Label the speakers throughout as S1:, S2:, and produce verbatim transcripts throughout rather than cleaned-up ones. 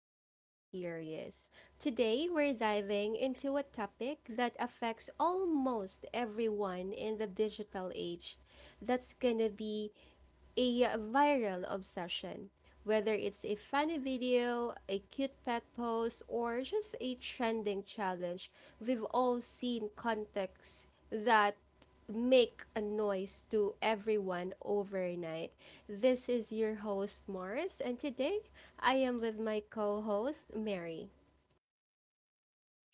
S1: make us curious. Today, we're diving into a topic that affects almost everyone in the digital age that's gonna be a viral obsession. Whether it's a funny video, a cute pet post, or just a trending challenge, we've all seen contexts that make a noise to everyone overnight. This is your host, Morris, and today I am with my co host, Mary.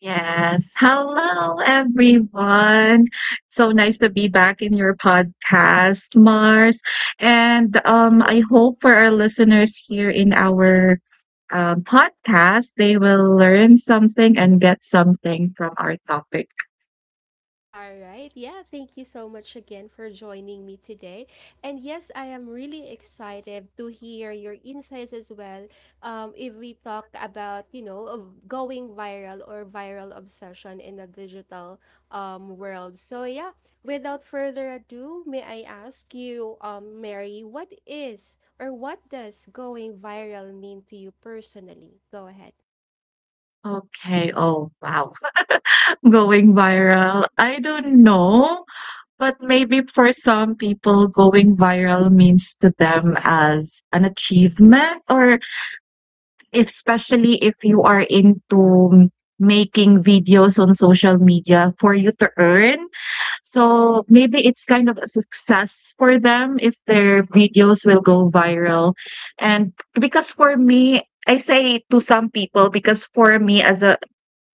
S2: Yes. Hello, everyone. So nice to be back in your podcast, Mars. And um, I hope for our listeners here in our um, podcast, they will learn something and get something from our topic.
S1: All right. Yeah, thank you so much again for joining me today. And yes, I am really excited to hear your insights as well. Um, if we talk about, you know, of going viral or viral obsession in the digital um, world. So, yeah, without further ado, may I ask you, um, Mary, what is or what does going viral mean to you personally? Go ahead.
S2: Okay. Oh, wow. Going viral. I don't know, but maybe for some people, going viral means to them as an achievement, or especially if you are into making videos on social media for you to earn. So maybe it's kind of a success for them if their videos will go viral. And because for me, I say to some people because for me as a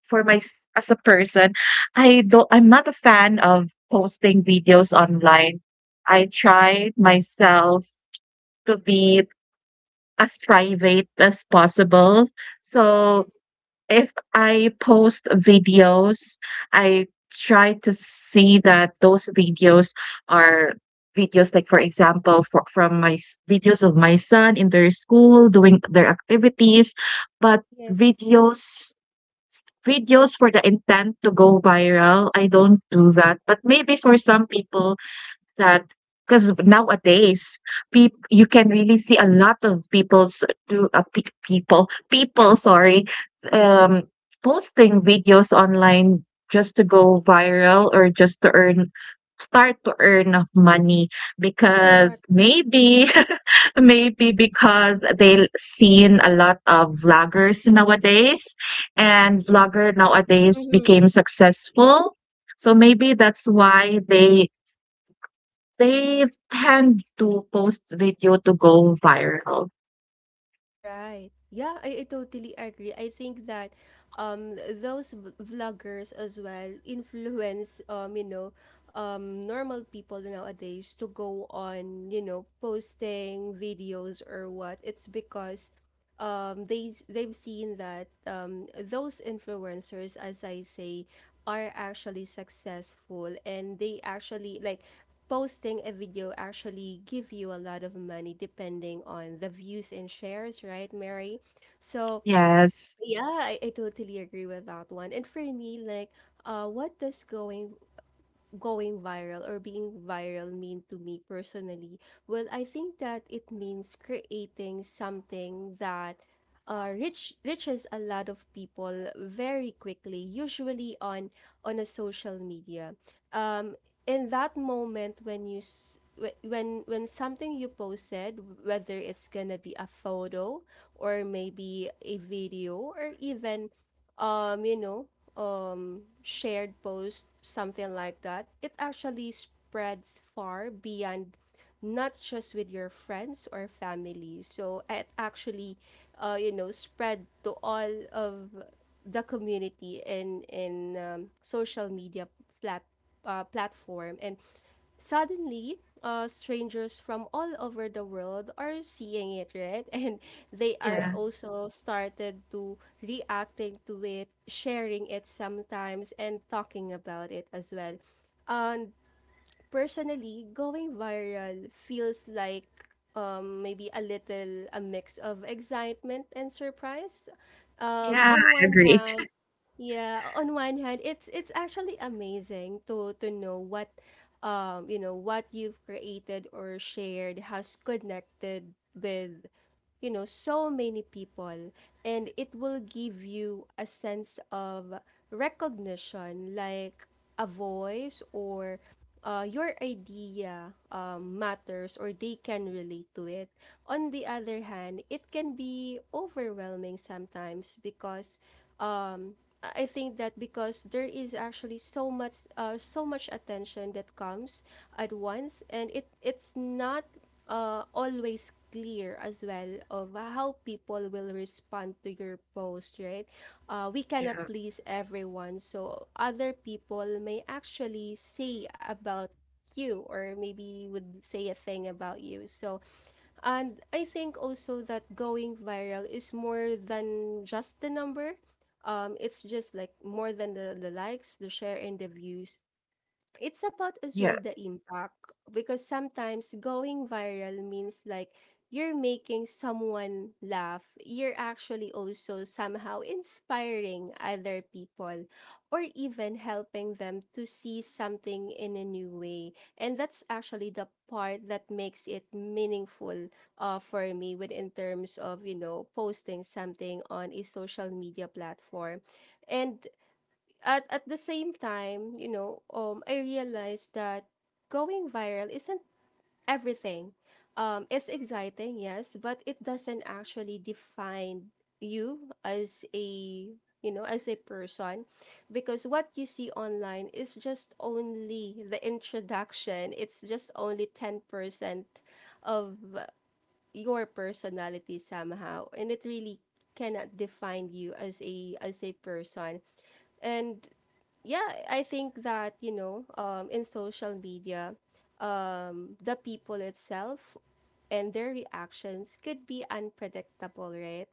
S2: for my as a person, I don't I'm not a fan of posting videos online. I try myself to be as private as possible.
S1: Mm,
S2: So if I post videos, I try to see that those videos are videos like, for example, for, from my s- videos of my son in their school doing their activities, but
S1: yes,
S2: videos videos for the intent to go viral, I don't do that. But maybe for some people, that because nowadays peop you can really see a lot of people's do uh, pe- people people sorry um posting videos online just to go viral, or just to earn start to earn money
S1: correct.
S2: because maybe maybe because they seen a lot of vloggers nowadays, and vlogger nowadays became successful, so maybe that's why they they tend to post video to go viral.
S1: Right. Yeah, I, I totally agree. I think that um those v- vloggers as well influence um you know um normal people nowadays to go on, you know, posting videos or what. It's because um they they've seen that um those influencers, as I say, are actually successful, and they actually like posting a video actually give you a lot of money depending on the views and shares, right, Mary? So
S2: Yes,
S1: yeah i, I totally agree with that one. And for me, like, uh what does going going viral or being viral mean to me personally? Well, I think that it means creating something that uh, reach reaches a lot of people very quickly, usually on on a social media. Um, in that moment when you s- wh- when when something you posted, whether it's gonna be a photo or maybe a video or even um you know um, shared post, something like that, it actually spreads far beyond, not just with your friends or family. So it actually, uh, you know, spread to all of the community in in um, social media flat uh, platform, and suddenly uh, strangers from all over the world are seeing it, right? And they are also
S2: yes.
S1: started to reacting to it, sharing it sometimes, and talking about it as well. And personally, going viral feels like, um, maybe a little a mix of excitement and surprise. Um,
S2: Yeah,
S1: on
S2: I
S1: one
S2: agree.
S1: hand, yeah, on one hand, it's it's actually amazing to to know what, um, you know, what you've created or shared has connected with you know so many people. And it will give you a sense of recognition, like a voice or uh, your idea um, matters, or they can relate to it. On the other hand, it can be overwhelming sometimes, because um, I I think that because there is actually so much uh, so much attention that comes at once, and it it's not uh, always clear as well of how people will respond to your post, right? Uh, we cannot
S2: Yeah,
S1: please everyone, so other people may actually say about you or maybe would say a thing about you. So, and I think also that going viral is more than just the number. Um, it's just like more than the, the likes, the share, and the views. It's about as well
S2: yeah,
S1: the impact, because sometimes going viral means like you're making someone laugh, you're actually also somehow inspiring other people, or even helping them to see something in a new way. And that's actually the part that makes it meaningful uh, for me within terms of you know posting something on a social media platform. And at at the same time, you know, um, I realized that going viral isn't everything. Um, it's exciting, yes, but it doesn't actually define you as a you know as a person, because what you see online is just only the introduction. It's just only ten percent of your personality somehow, and it really cannot define you as a as a person. And yeah, I think that, you know, um, in social media, um, the people itself and their reactions could be unpredictable, right?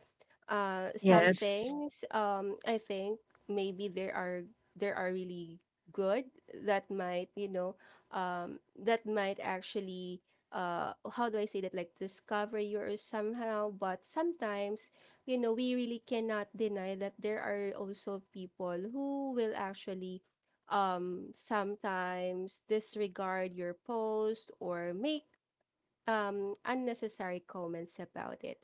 S1: Uh, some
S2: yes,
S1: things, um, I think maybe there are there are really good, that might you know um, that might actually, uh, how do I say that, like discover you or somehow. But sometimes, you know we really cannot deny that there are also people who will actually, um sometimes disregard your post or make um, unnecessary comments about it.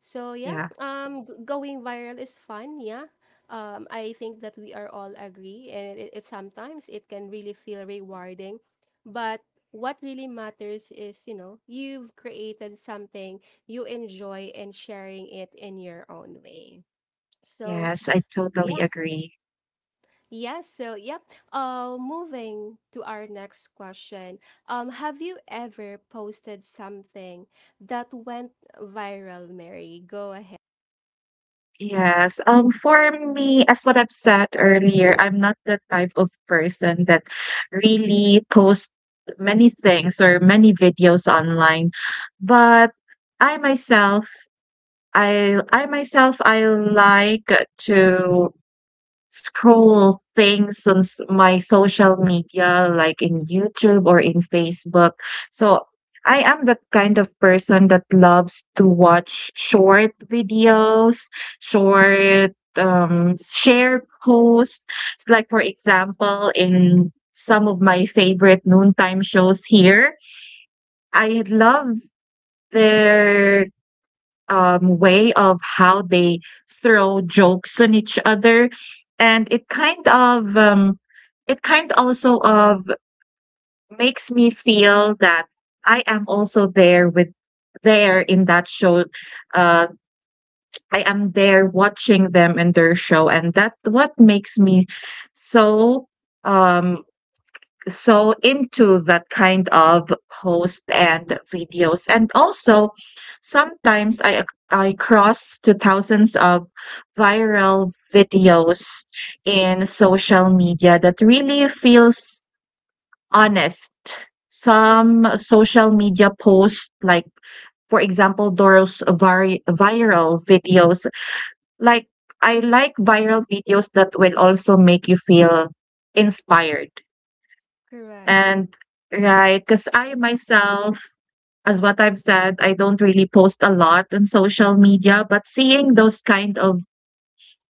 S1: So yeah,
S2: yeah,
S1: um, g- going viral is fun. Yeah, um, I think that we are all agree, and it, it sometimes it can really feel rewarding, but what really matters is, you know you've created something you enjoy and sharing it in your own way. So
S2: yes, I totally
S1: yeah.
S2: agree.
S1: Yeah, so yep. Uh, moving to our next question. Um, have you ever posted something that went viral, Mary? Go ahead.
S2: Yes. Um, for me, as what I've said earlier, I'm not the type of person that really posts many things or many videos online. But I myself, I I myself, I like to scroll things on s- my social media, like in YouTube or in Facebook. So I am the kind of person that loves to watch short videos, short um, share posts. Like, for example, in some of my favorite noontime shows here, I love their um, way of how they throw jokes on each other, and it kind of um, it kind also of makes me feel that I am also there with there in that show. Uh, I am there watching them in their show, and that what makes me so um so into that kind of post and videos. And also, sometimes i ac- I cross to thousands of viral videos in social media that really feels honest,
S1: Mm-hmm.
S2: some social media posts like, for example, those vari- viral videos. Like, I like viral videos that will also make you feel inspired
S1: Correct.
S2: and right, because I myself, as what I've said, I don't really post a lot on social media, but seeing those kind of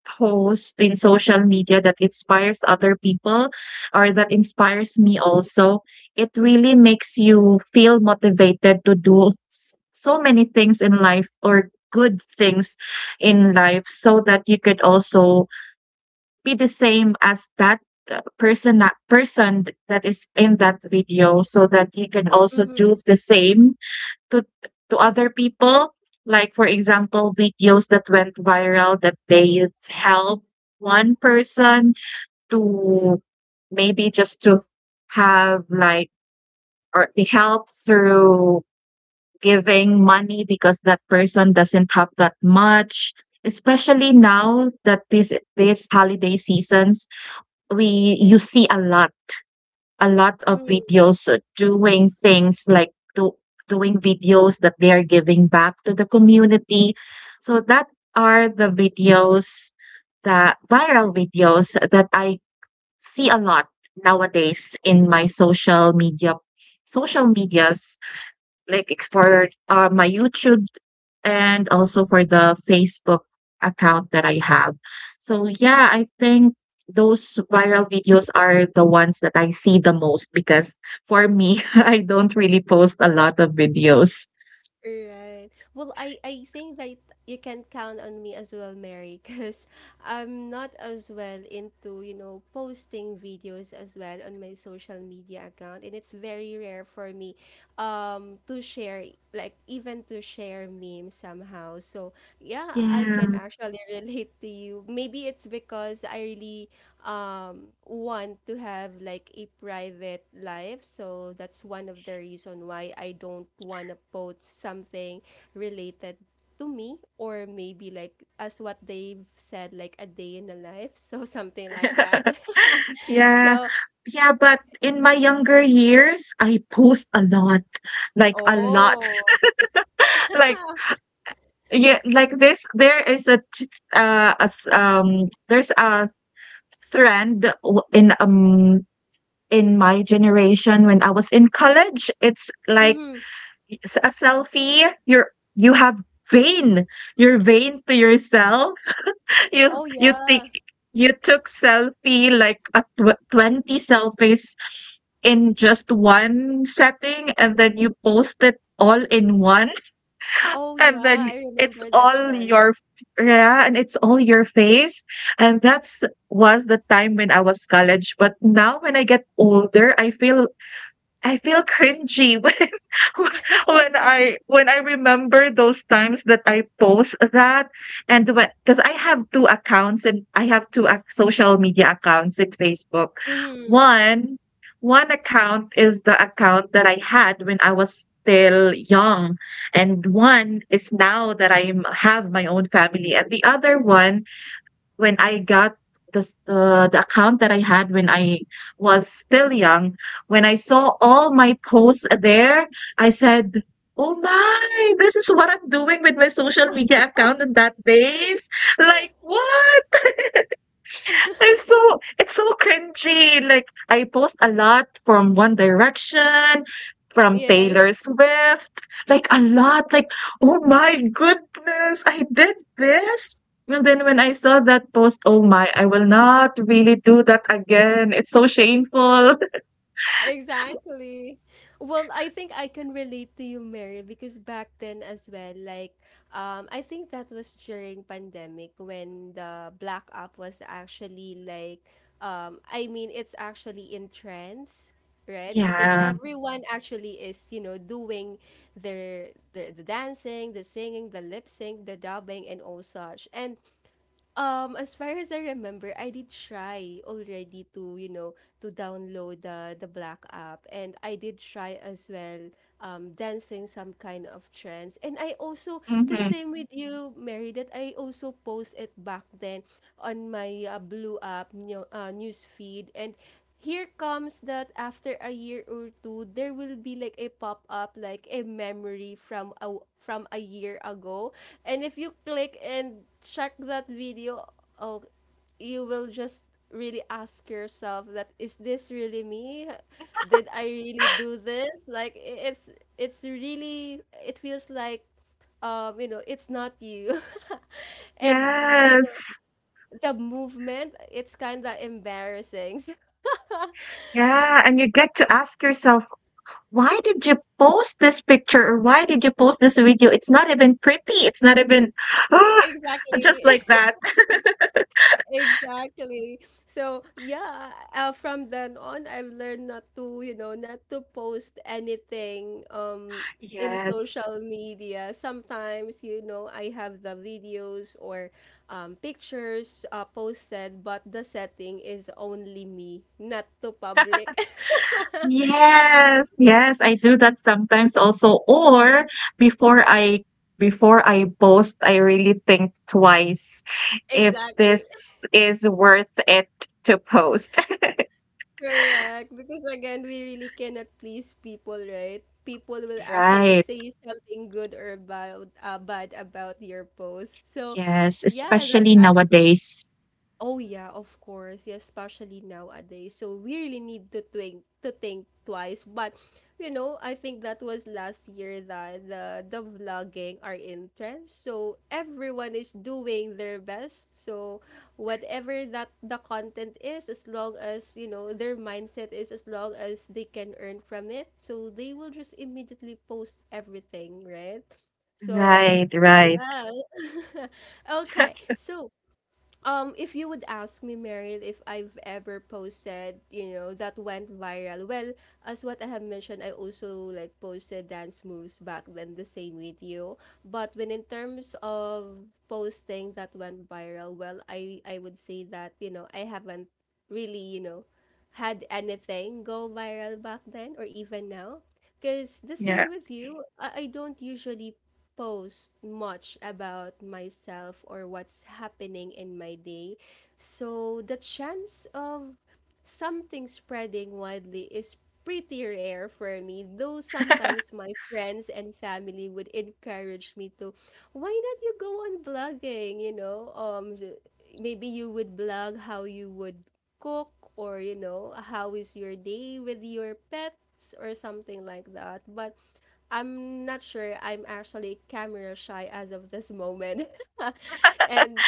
S2: posts in social media that inspires other people, or that inspires me also, it really makes you feel motivated to do s- so many things in life, or good things in life, so that you could also be the same as that uh, person that person th- that is in that video, so that you can also do
S1: Mm-hmm.
S2: the same to to other people. Like, for example, videos that went viral that they help one person to maybe just to have, like, or they help through giving money because that person doesn't have that much, especially now that this this holiday seasons, we
S1: Yes.
S2: you see a lot, a lot of
S1: Mm-hmm.
S2: videos uh, doing things like do, doing videos that they are giving back to the community. So that are the videos, the viral videos that I see a lot nowadays in my social media social medias, like ex- for uh, my YouTube and also for the Facebook account that I have. So yeah, I think those viral videos are the ones that I see the most because for me, I don't really post a lot of videos.
S1: Right. Well, I I think that you can count on me as well, Mary, because I'm not as well into, you know posting videos as well on my social media account, and it's very rare for me, um, to share like, even to share memes somehow. So yeah, I can
S2: Yeah.
S1: actually relate to you. Maybe it's because I really um want to have like a private life. So that's one of the reason why I don't wanna post something related to me, or maybe, like, as what they've said, like a day in the life, so something like that.
S2: Yeah.
S1: So
S2: Yeah, but in my younger years, I post a lot, like a lot.
S1: oh,
S2: Like yeah, like this there is a t- uh a s um there's a trend w- in um in my generation when I was in college. It's like
S1: mm-hmm.
S2: s- a selfie. You're you have vain. You're vain to yourself. You
S1: Oh,
S2: you think
S1: yeah.
S2: you took selfie like a tw- twenty selfies in just one setting, and then you post it all in one,
S1: Oh, yeah,
S2: and then
S1: I
S2: it's
S1: remember that
S2: all
S1: trend.
S2: your yeah, and it's all your face. And that's was the time when I was college. But now when I get older, I feel I feel cringy when when I when I remember those times that I post that. And when, because I have two accounts, and I have two ac- social media accounts in Facebook.
S1: Mhm.
S2: One one account is the account that I had when I was still young, and one is now that I have my own family, and the other one when I got the s- uh, the account that I had when I was still young, when I saw all my posts there, I said, "Oh my, this is what I'm doing with my social media account on that days." Like, what? It's so it's so cringy, like, I post a lot from One Direction, from
S1: Yes,
S2: Taylor Swift, like, a lot, like, "Oh my goodness, I did this?" And then when I saw that post, "Oh my, I will not really do that again, it's so shameful."
S1: exactly. Well, I think I can relate to you, Mary, because back then as well, like, um I think that was during pandemic when the black app was actually, like, um I mean, it's actually in trends, right? Because
S2: Yeah,
S1: everyone actually is, you know, doing their the, the dancing, the singing, the lip sync, the dubbing, and all such. And Um, as far as I remember, I did try already to, you know, to download the the Black app. And I did try as well um dancing some kind of trends. And I also the
S2: mhm.
S1: same with you, Mary, that I also post it back then on my uh, Blue app new, uh, news feed, and here comes that after a year or two there will be like a pop up, like a memory from a from a year ago. And if you click and check that video, oh, you will just really ask yourself, that is this really me? Did I really do this? like i- it's it's really it feels like, um you know it's not you, and you know
S2: Yes.
S1: the movement, it's kind of embarrassing. So
S2: Yeah, and you get to ask yourself, why did you post this picture, or why did you post this video? It's not even pretty. It's not even
S1: exactly.
S2: just like that.
S1: Exactly. So, yeah, uh, from then on, I've learned not to, you know, not to post anything um in
S2: Yes.
S1: social media. Sometimes, you know, I have the videos or um, pictures uh, posted, but the setting is only me, not to public.
S2: Yes, yes, I do that sometimes also. Or before I before I post, I really think twice if
S1: Exactly.
S2: this is worth it to post.
S1: Correct. Because again, we really cannot please people, right? People will actually
S2: Right.
S1: say something good or about uh, bad about your post. So,
S2: Yes,
S1: yeah. that's
S2: especially nowadays.
S1: Oh yeah, of course. Yeah, especially nowadays. So we really need to think to think twice. But, you know, I think that was last year that the the vlogging are in trend. So everyone is doing their best. So whatever that the content is, as long as, you know their mindset is, as long as they can earn from it, so they will just immediately post everything, right? So
S2: Right, right.
S1: yeah. Okay. So, um, if you would ask me, Meryl, if I've ever posted, you know, that went viral. Well, as what I have mentioned, I also like posted dance moves back then, the same video. But when in terms of posting that went viral, well, I I would say that, you know I haven't really, you know had anything go viral back then or even now. Because the
S2: Yeah,
S1: same with you, I, I don't usually post much about myself or what's happening in my day. So the chance of something spreading widely is pretty rare for me, though sometimes my friends and family would encourage me to, why not you go on blogging, you know? Um, maybe you would blog how you would cook or, you know, how is your day with your pets or something like that. But I'm not sure. I'm actually camera shy as of this moment. And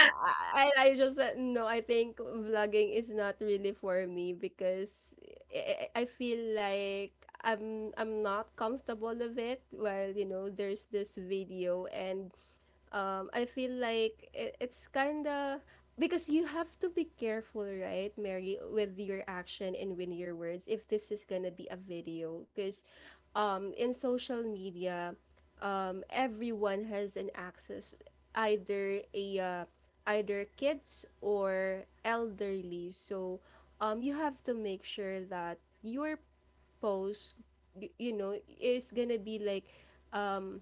S1: I, I I just said, no, I think vlogging is not really for me, because I, I I feel like I'm I'm not comfortable with it. Well, you know, there's this video, and um, I feel like it, it's kind of, because you have to be careful, right, Mary, with your action and with your words if this is gonna be a video. Because, um, in social media, um, everyone has an access, either a uh, either kids or elderly. So um, you have to make sure that your post y- you know is gonna be like um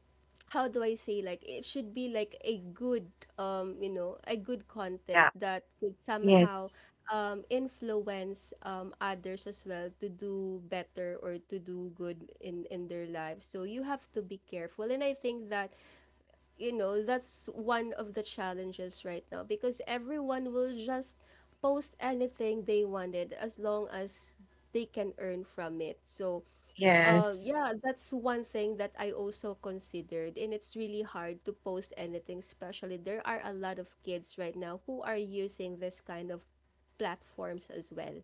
S1: how do I say, like it should be like a good um you know a good content
S2: yeah.
S1: that could somehow
S2: Yes.
S1: um influence um others as well to do better or to do good in in their lives. So you have to be careful, and I think that you know that's one of the challenges right now, because everyone will just post anything they wanted as long as they can earn from it. So uh,
S2: Yes.
S1: yeah, that's one thing that I also considered, and it's really hard to post anything, especially there are a lot of kids right now who are using this kind of platforms as well.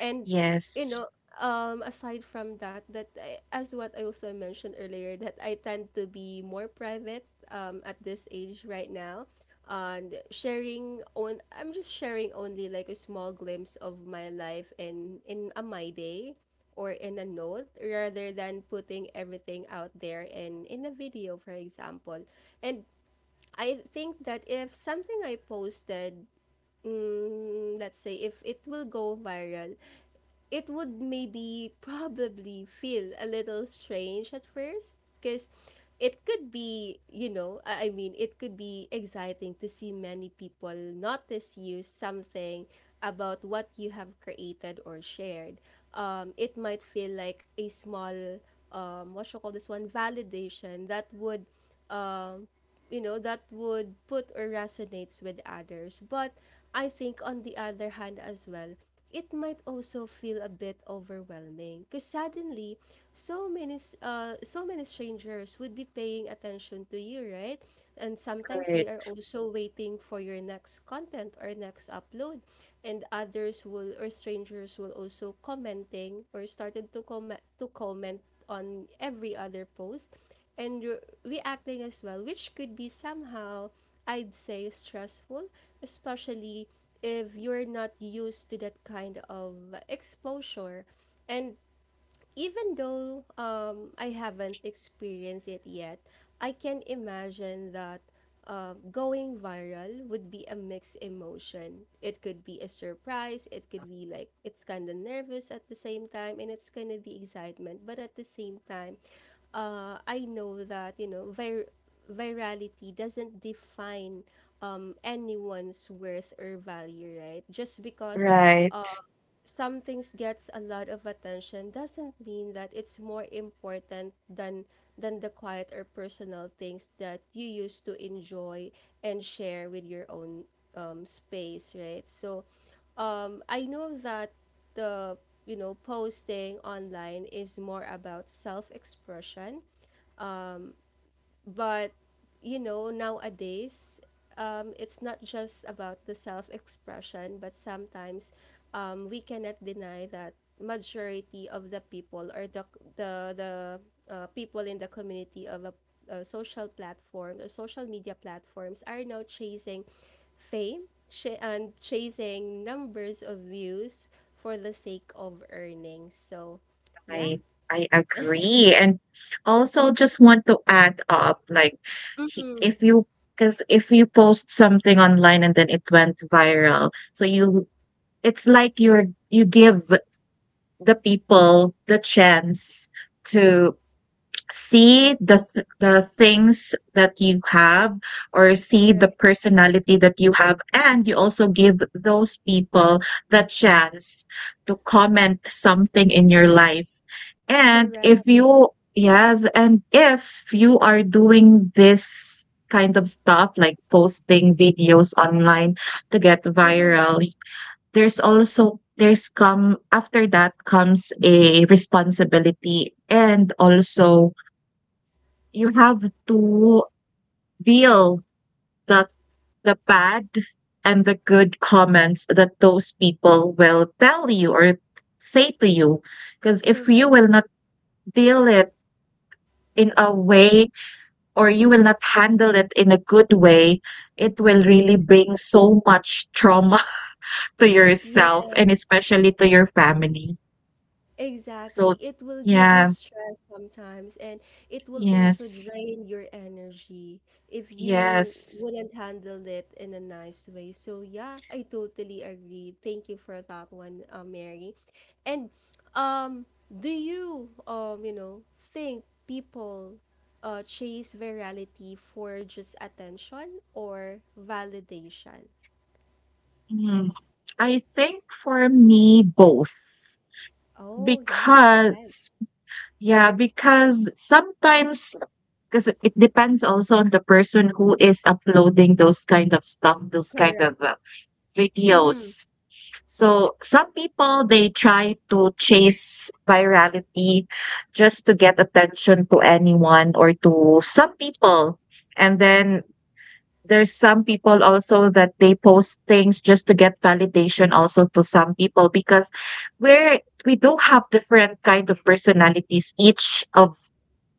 S1: And you
S2: Yes.
S1: know, um, aside from that, that I, as what I also mentioned earlier, that I tend to be more private um, at this age right now, and sharing on I'm just sharing only like a small glimpse of my life and in a my day or in a note rather than putting everything out there in in a video for example. And I think that if something I posted, mm, let's say if it will go viral, it would maybe probably feel a little strange at first, because it could be, you know, I I mean, it could be exciting to see many people notice you something about what you have created or shared. Um, it might feel like a small, um, what you call this one, validation that would um, you know that would put or resonates with others. But I think on the other hand as well, it might also feel a bit overwhelming, because suddenly so many s- uh, so many strangers would be paying attention to you, right? And sometimes they are
S2: Right.
S1: also waiting for your next content or next upload, and others will or strangers will also commenting or started to comment to comment on every other post, and reacting as well, which could be somehow, I'd say, stressful, especially if you're not used to that kind of exposure. And even though um, I haven't experienced it yet, I can imagine that uh, going viral would be a mixed emotion. It could be a surprise, it could be like it's kind of nervous at the same time, and it's gonna be excitement. But at the same time, uh, I know that you know vir- virality doesn't define um, anyone's worth or value, right? Just because
S2: Right.
S1: some things gets a lot of attention doesn't mean that it's more important than than the quiet or personal things that you used to enjoy and share with your own um, space, right? So um, I know that the you know posting online is more about self-expression, but you know nowadays um, it's not just about the self-expression, but sometimes um, we cannot deny that majority of the people or the the, the uh, people in the community of a, a social platform or social media platforms are now chasing fame, ch- and chasing numbers of views for the sake of earnings. So yeah.
S2: I I agree. And also just want to add up, like he-
S1: Mm-hmm.
S2: if you, because if you post something online and then it went viral, so you, it's like you're you give the people the chance to see the th- the things that you have, or see the
S1: Right.
S2: personality that you have, and you also give those people the chance to comment something in your life. And
S1: Correct.
S2: if you, yes, and if you are doing this kind of stuff, like posting videos online to get
S1: Mm-hmm.
S2: viral, there's also there's come after that comes a responsibility, and also you have to deal the the bad and the good comments that those people will tell you or say to you, because if you
S1: Correct.
S2: will not deal it in a way, or you will not handle it in a good way, it will really bring so much trauma to yourself, and
S1: Yes,
S2: especially to your family,
S1: exactly.
S2: so
S1: It will give you
S2: yeah,
S1: stress sometimes, and it will also
S2: yes,
S1: drain your energy if you
S2: yes.
S1: wouldn't handle it in a nice way. So yeah, I totally agree. Thank you for that one, uh, Mary. And um, do you um, you know, think people uh chase virality for just attention or validation?
S2: Mm, I think for me both.
S1: Oh yeah, go ahead.
S2: Because yeah, because sometimes, because it depends also on the person who is uploading those kind of stuff, those kind
S1: Correct.
S2: of uh,
S1: Mm-hmm.
S2: videos. So some people they try to chase virality just to get attention to anyone or to some people. And then there's some people also that they post things just to get validation also to some people, because we're, we do have different kind of personalities, each of,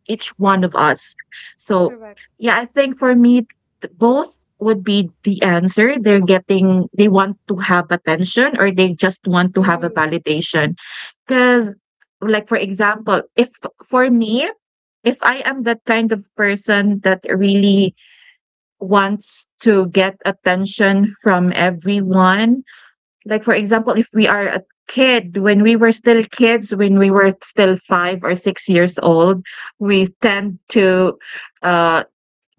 S2: each one of us. So
S1: Correct.
S2: yeah, I think for me th- both would be the answer, they're getting, they want to have attention, or they just want to have a
S1: Mm-hmm.
S2: validation. Because like, for example, if for me, if I am that kind of person that really wants to get attention from everyone. Like, for example, if we are a kid, when we were still kids, when we were still five or six years old, we tend to uh,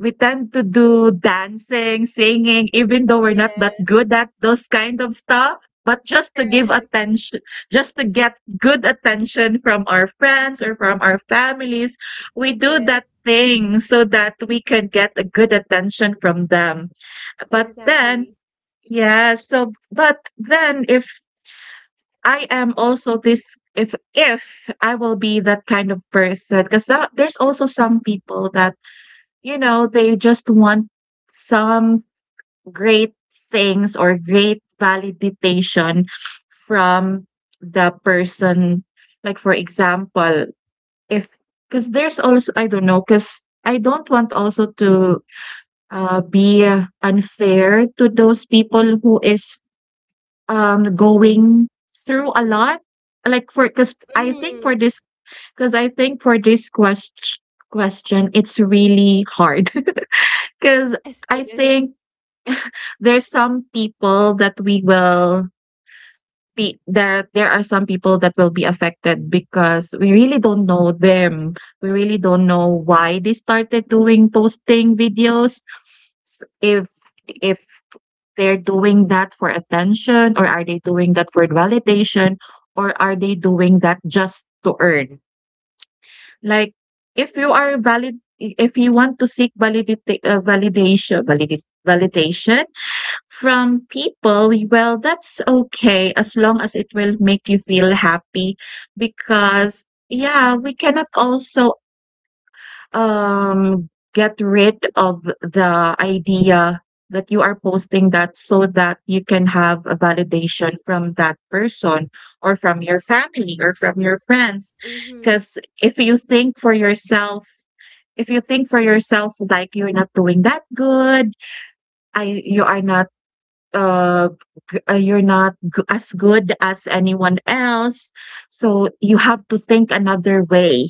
S2: we tend to do dancing, singing, even though we're not that
S1: Yes,
S2: good at those kind of stuff. But just to give
S1: correct.
S2: attention, just to get good attention from our friends or from our families, we do
S1: Yes,
S2: that thing so that we can get a good attention from them. But then,
S1: exactly.
S2: yeah, so, but then if I am also this, if, if I will be that kind of person, because there's also some people that, you know, they just want some great things or great validation from the person. Like, for example, if, because there's also, I don't know, because I don't want also to uh, be uh, unfair to those people who is um, going through a lot. Like, for, because I think
S1: Mm-hmm.
S2: for this, because I think for this quest question, it's really hard. Because
S1: Yes,
S2: I
S1: it is.
S2: think there's some people that we will be there there are some people that will be affected because we really don't know them. We really don't know why they started doing posting videos. S- If if they're doing that for attention, or are they doing that for validation, or are they doing that just to earn? Like if you are
S1: Yes.
S2: valid if you want to seek validita- uh, validation validate validation from people, well, that's okay as long as it will make you feel happy. Because yeah, we cannot also um get rid of the idea that you are posting that so that you can have a validation from that person, or from your family, or from your friends.
S1: Mm-hmm.
S2: Because if you think for yourself if you think for yourself, like, you're not doing that good, I you are not uh, g- uh, you're not g- as good as anyone else. So you have to think another way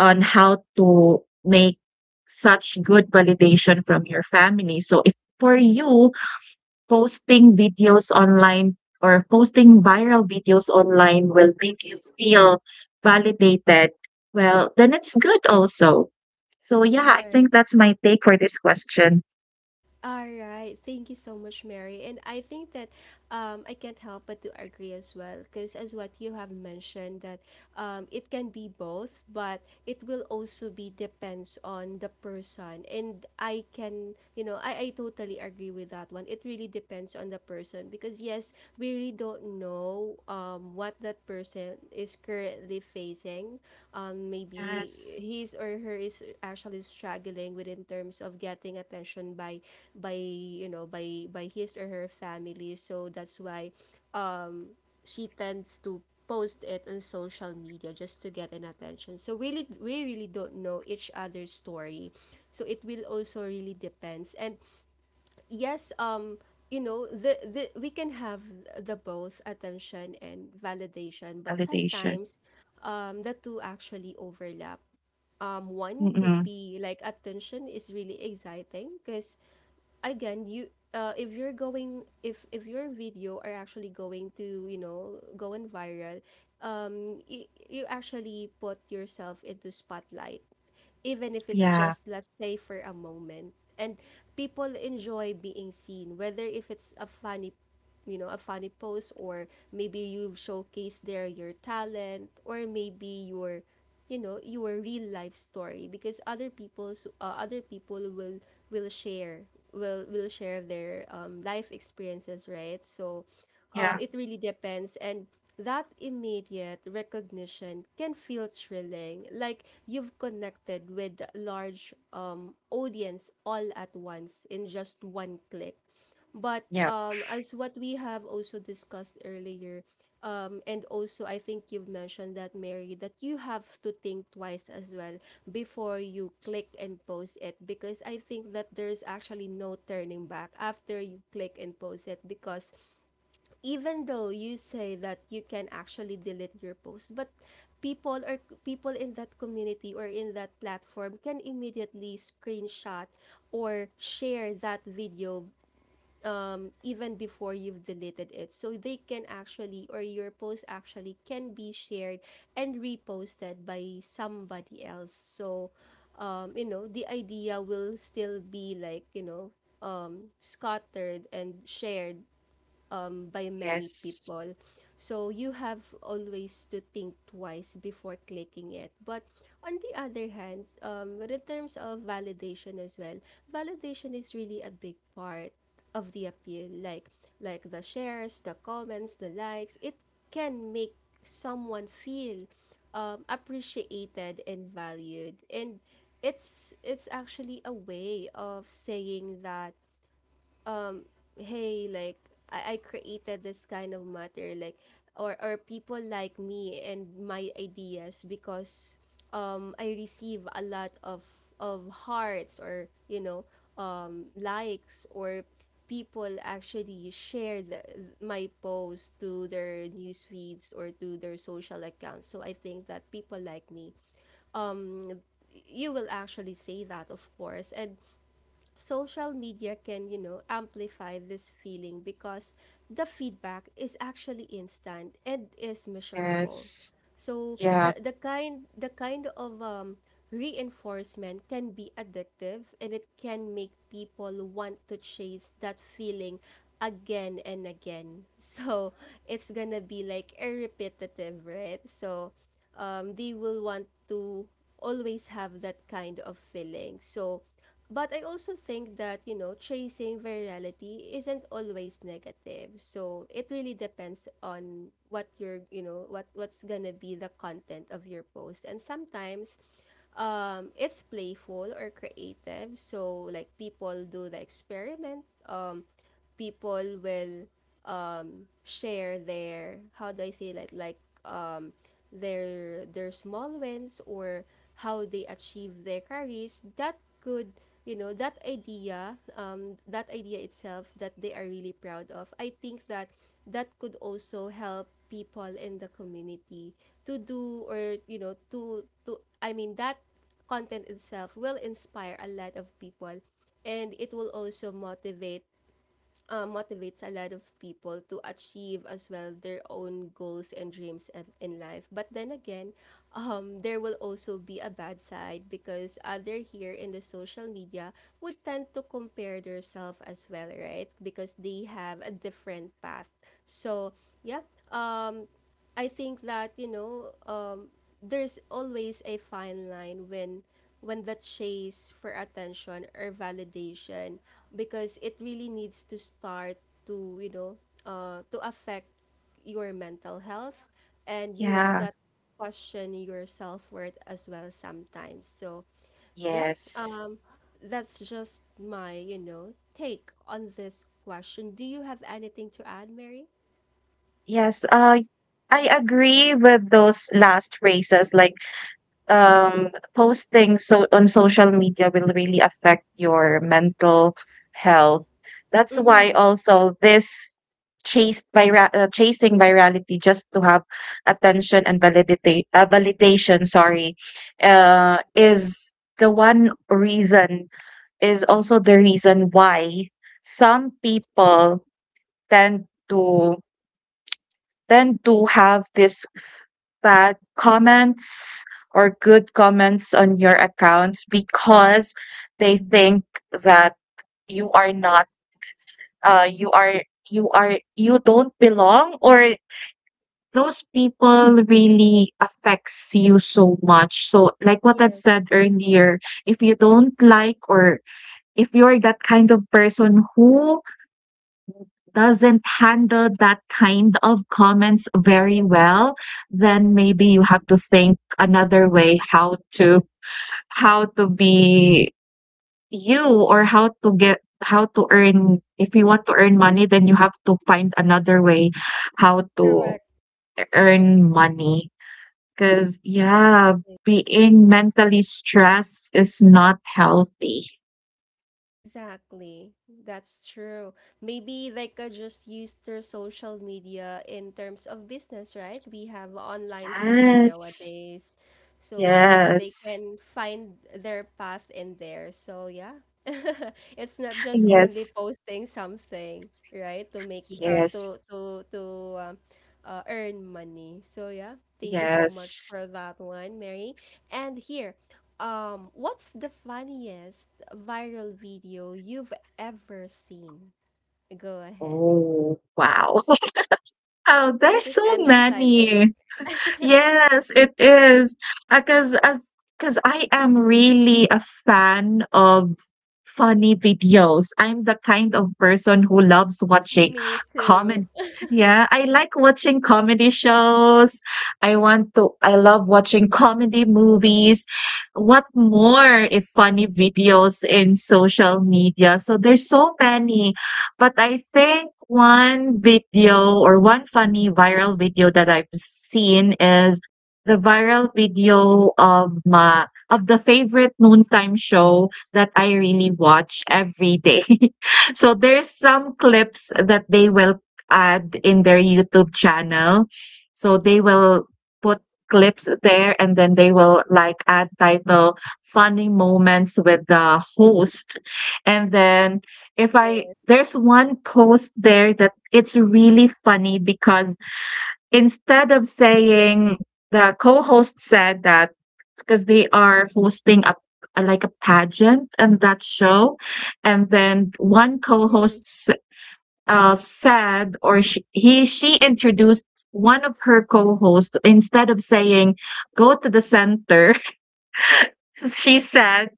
S2: on how to make such good validation from your family. So if for you, posting videos online or posting viral videos online will make you feel validated, well, then it's good also. So yeah, I think
S1: Right.
S2: that's my take for this question.
S1: All right. Thank you so much, Mary. And I think that um, I can't help but to agree as well, because as what you have mentioned that um, it can be both, but it will also be depends on the person. And I can, you know, I, I totally agree with that one. It really depends. Depends on the person, because yes, we really don't know um what that person is currently facing. Um maybe
S2: Yes,
S1: his or her is actually struggling with in terms of getting attention by by you know by by his or her family. So that's why she tends to post it on social media just to get an attention. So really, we really don't know each other's story, so it will also really depends. And yes, um you know the, the we can have the both attention and validation, but
S2: validation.
S1: sometimes um the two actually overlap. Um one could
S2: Mm-mm.
S1: be like attention is really exciting because again you uh, if you're going if if your video are actually going to you know going viral, um you, you actually put yourself into spotlight, even if it's
S2: Yeah.
S1: just let's say for a moment. And people enjoy being seen, whether if it's a funny you know a funny post, or maybe you've showcased there your talent, or maybe your you know your real life story, because other people's uh, other people will will share will will share their um, life experiences, right? So uh,
S2: Yeah,
S1: it really depends. And that immediate recognition can feel thrilling, like you've connected with large um, audience all at once in just one click. But
S2: yeah,
S1: um, as what we have also discussed earlier, um, and also I think you've mentioned that, Mary, that you have to think twice as well before you click and post it, because I think that there's actually no turning back after you click and post it. Because even though you say that you can actually delete your post, but people or people in that community or in that platform can immediately screenshot or share that video um, even before you've deleted it. So they can actually, or your post actually can be shared and reposted by somebody else. So, um, you know, the idea will still be like, you know, um, scattered and shared um, by many
S2: yes,
S1: people. So you have always to think twice before clicking it. But on the other hand, um, but in terms of validation as well, validation is really a big part of the appeal. Like like the shares, the comments, the likes. It can make someone feel um, appreciated and valued, and it's it's actually a way of saying that um hey, like I, I created this kind of matter, like or or people like me and my ideas, because um I receive a lot of of hearts, or you know um likes, or people actually share the, my post to their news feeds or to their social accounts. So I think that people like me um you will actually say that of course. And social media can, you know, amplify this feeling because the feedback is actually instant and is measurable.
S2: yes,
S1: So
S2: yeah,
S1: the the kind the kind of um, reinforcement can be addictive, and it can make people want to chase that feeling again and again. So it's gonna be like a repetitive, right? So um, they will want to always have that kind of feeling. So but I also think that, you know, chasing virality isn't always negative. So it really depends on what you're, you know, what what's gonna be the content of your post. And sometimes um it's playful or creative. So like people do the experiment. Um, people will share their how do I say that, like um their their small wins, or how they achieve their careers, that could you know that idea, um that idea itself that they are really proud of. I think that that could also help people in the community to do, or you know to to I mean that content itself will inspire a lot of people, and it will also motivate uh, motivates a lot of people to achieve as well their own goals and dreams in, in life. But then again, um, there will also be a bad side, because other here in the social media would tend to compare themselves as well, right? Because they have a different path. So yeah, um, I think that you know, um, there's always a fine line when when the chase for attention or validation, because it really needs to start to you know uh to affect your mental health, and you've
S2: yeah,
S1: got to question your self-worth as well sometimes. So yeah,
S2: yes,
S1: um that's just my, you know, take on this question. Do you have anything to add, Mary?
S2: yes. Uh, I agree with those last phrases, like, um, posting so on social media will really affect your mental health. That's why
S1: Mm-hmm.
S2: also this chased by uh, chasing virality just to have attention and validate uh, validation. Sorry, uh, is the one reason is also the reason why some people tend to tend to have this bad comments or good comments on your accounts, because they think that you are not, uh you are you are you don't belong, or those people really affects you so much. So like what I've
S1: Yes.
S2: said earlier, if you don't like, or if you're that kind of person who doesn't handle that kind of comments very well, then maybe you have to think another way, how to how to be you, or how to get how to earn. If you want to earn money, then you have to find another way how to
S1: Correct.
S2: earn money. Because, yeah,
S1: Exactly.
S2: being mentally stressed is not healthy.
S1: Exactly. That's true. Maybe like uh, just use their social media in terms of business, right? We have online selling
S2: Yes,
S1: nowadays. So maybe they
S2: yes,
S1: can find their path in there. So yeah, it's not just only
S2: yes,
S1: posting something right to make uh,
S2: yes,
S1: to to to um, uh, earn money. So yeah, thank you so much
S2: yes.
S1: for that one, Mary. And here, um what's the funniest viral video you've ever seen? Go ahead.
S2: Oh, wow. Wow, there's
S1: This is
S2: so
S1: kind of exciting.
S2: many. Yes, it is. Because as because I am really a fan of funny videos. I'm the kind of person who loves watching
S1: Me too.
S2: common Yeah, I like watching comedy shows. I want to I love watching comedy movies. What more if funny videos in social media? So there's so many. But I think one video, or one funny viral video that I've seen, is the viral video of my of the favorite noontime show that I really watch every day. So there's some clips that they will add in their YouTube channel. So they will put clips there, and then they will, like, add title funny moments with the host. And then, if I
S1: Yeah.
S2: there's one post there that it's really funny, because instead of saying, the co-host said that, because they are hosting a, a- like a pageant, and that show. And then one co-host
S1: Hmm.
S2: s- uh, said, or she, he she introduced one of her co-hosts, instead of saying go to the center. She said,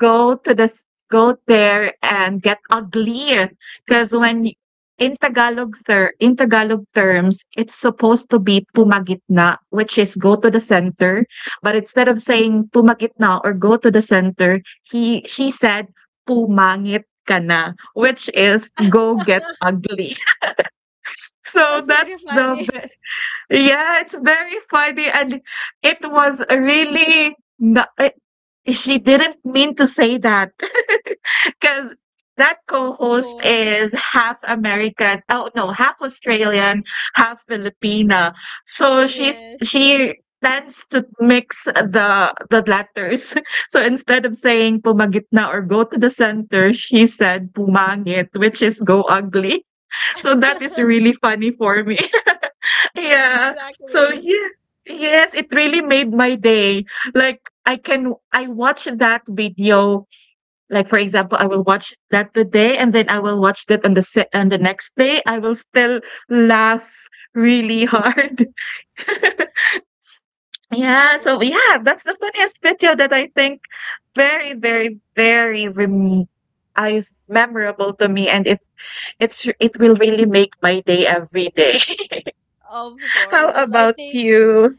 S2: Go to the s go there and get uglier. Because when y- in Tagalog ter in Tagalog terms, it's supposed to be "pumagitna," which is go to the center, but instead of saying "pumagitna" or "go to the center," he she said, "Pumangit ka na," which is "go get ugly."
S1: And
S2: So
S1: that's really
S2: that's the
S1: funny.
S2: ve yeah, it's very funny. And it was a really na eh, she didn't mean to say that. Because that
S1: Of
S2: co-host
S1: course.
S2: is half American. Oh, no, half Australian, half Filipina. So she's
S1: Yes.
S2: she tends to mix the the letters. So instead of saying pumagitna or go to the center, she said pumangit, which is go ugly. So that is really funny for me. Yeah. So
S1: Exactly.
S2: yeah. Yes, it really made my day. Like, I can I watched that video, like, for example, I will watch that today, and then I will watch that on the se- on the next day. I will still laugh really hard. Yeah.
S1: Well,
S2: So yeah, that's the funniest video that I think, very, very, very rem- is memorable to me, and it it's it will really make my day every day.
S1: of
S2: How
S1: course. Well, I
S2: about
S1: think,
S2: you?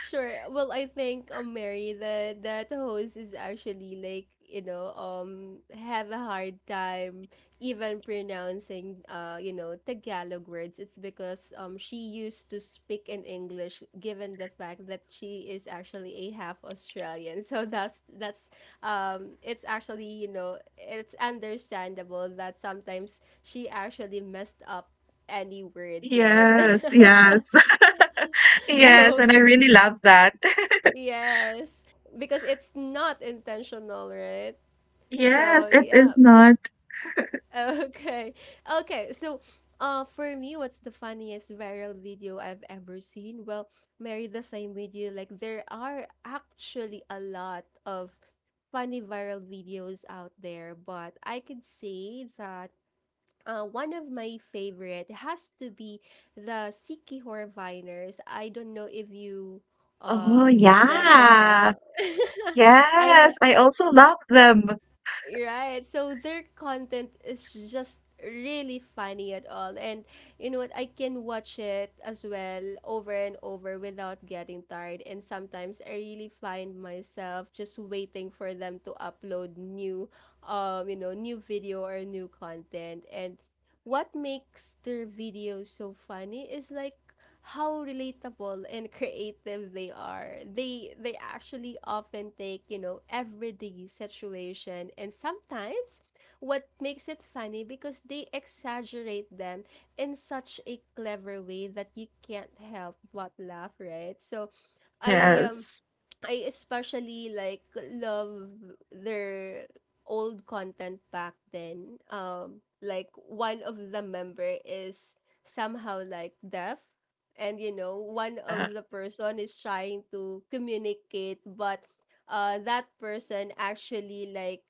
S1: sure. Well, I think, um Mary, the that host is actually, like, you know um have a hard time even pronouncing uh you know Tagalog words. It's because um she used to speak in English given the fact that she is actually a half Australian. So that's that's um it's actually, you know it's understandable that sometimes she actually messed up any words, right?
S2: Yes, yes. Yes, and I
S1: Okay.
S2: really love that.
S1: Yes. Because it's not intentional, right? So,
S2: Yes, it is
S1: yeah.
S2: not.
S1: Okay. Okay. So, uh, for me, what's the funniest viral video I've ever seen? Well, Mary, the same video. Like, there are actually a lot of funny viral videos out there, but I could say that Uh, one of my favorite has to be the Sikihor Viners. I don't know if you
S2: Oh,
S1: uh know them as
S2: yeah.
S1: well. I
S2: Yes, I also love them.
S1: Right. So their content is just really funny at all. And you know what? I can watch it as well over and over without getting tired. And sometimes I really find myself just waiting for them to upload new um, you know, new video or new content. And what makes their videos so funny is like how relatable and creative they are. They they actually often take, you know, everyday situation, and sometimes what makes it funny because they exaggerate them in such a clever way that you can't help but laugh, right? So I um
S2: Yes.
S1: I especially like, love their old content back then. Um, like one of the member is somehow like deaf, and you know one of
S2: Uh,
S1: the person is trying to communicate, but uh, that person actually, like,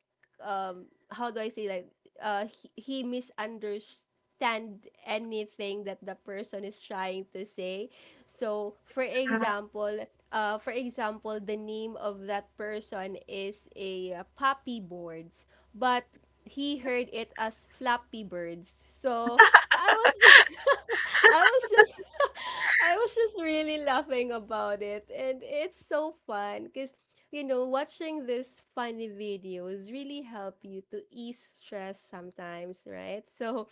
S1: um, how do I say, like, uh, he, he misunderstood understand anything that the person is trying to say. So, for example, uh, for example, the name of that person is a uh, poppy boards, but he heard it as flappy birds. So, I was just, I was just, I was just really laughing about it, and it's so fun because you know, watching these funny videos really help you to ease stress sometimes, right? So,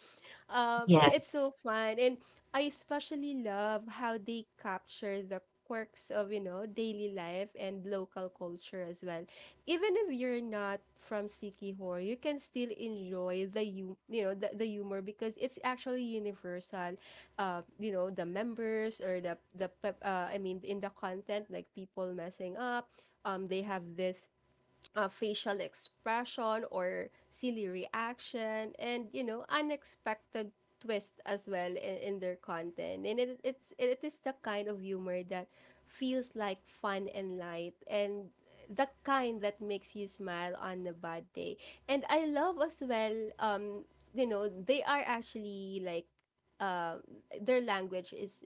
S1: um, i- it's so
S2: yes.
S1: fun. And I especially love how they capture the quirks of, you know daily life and local culture culture as well. Even if you're not from Sikihor, you can still enjoy the you you know the, the humor because it's actually universal. Uh, you know the members or the the pe- uh, I mean in the content, like people messing up. Um, they have this uh, facial expression or silly reaction, and, you know, unexpected twist as well in, in their content, and it, it's it is the kind of humor that feels like fun and light, and the kind that makes you smile on a bad day. And I love as well, um you know, they are actually, like, their language is,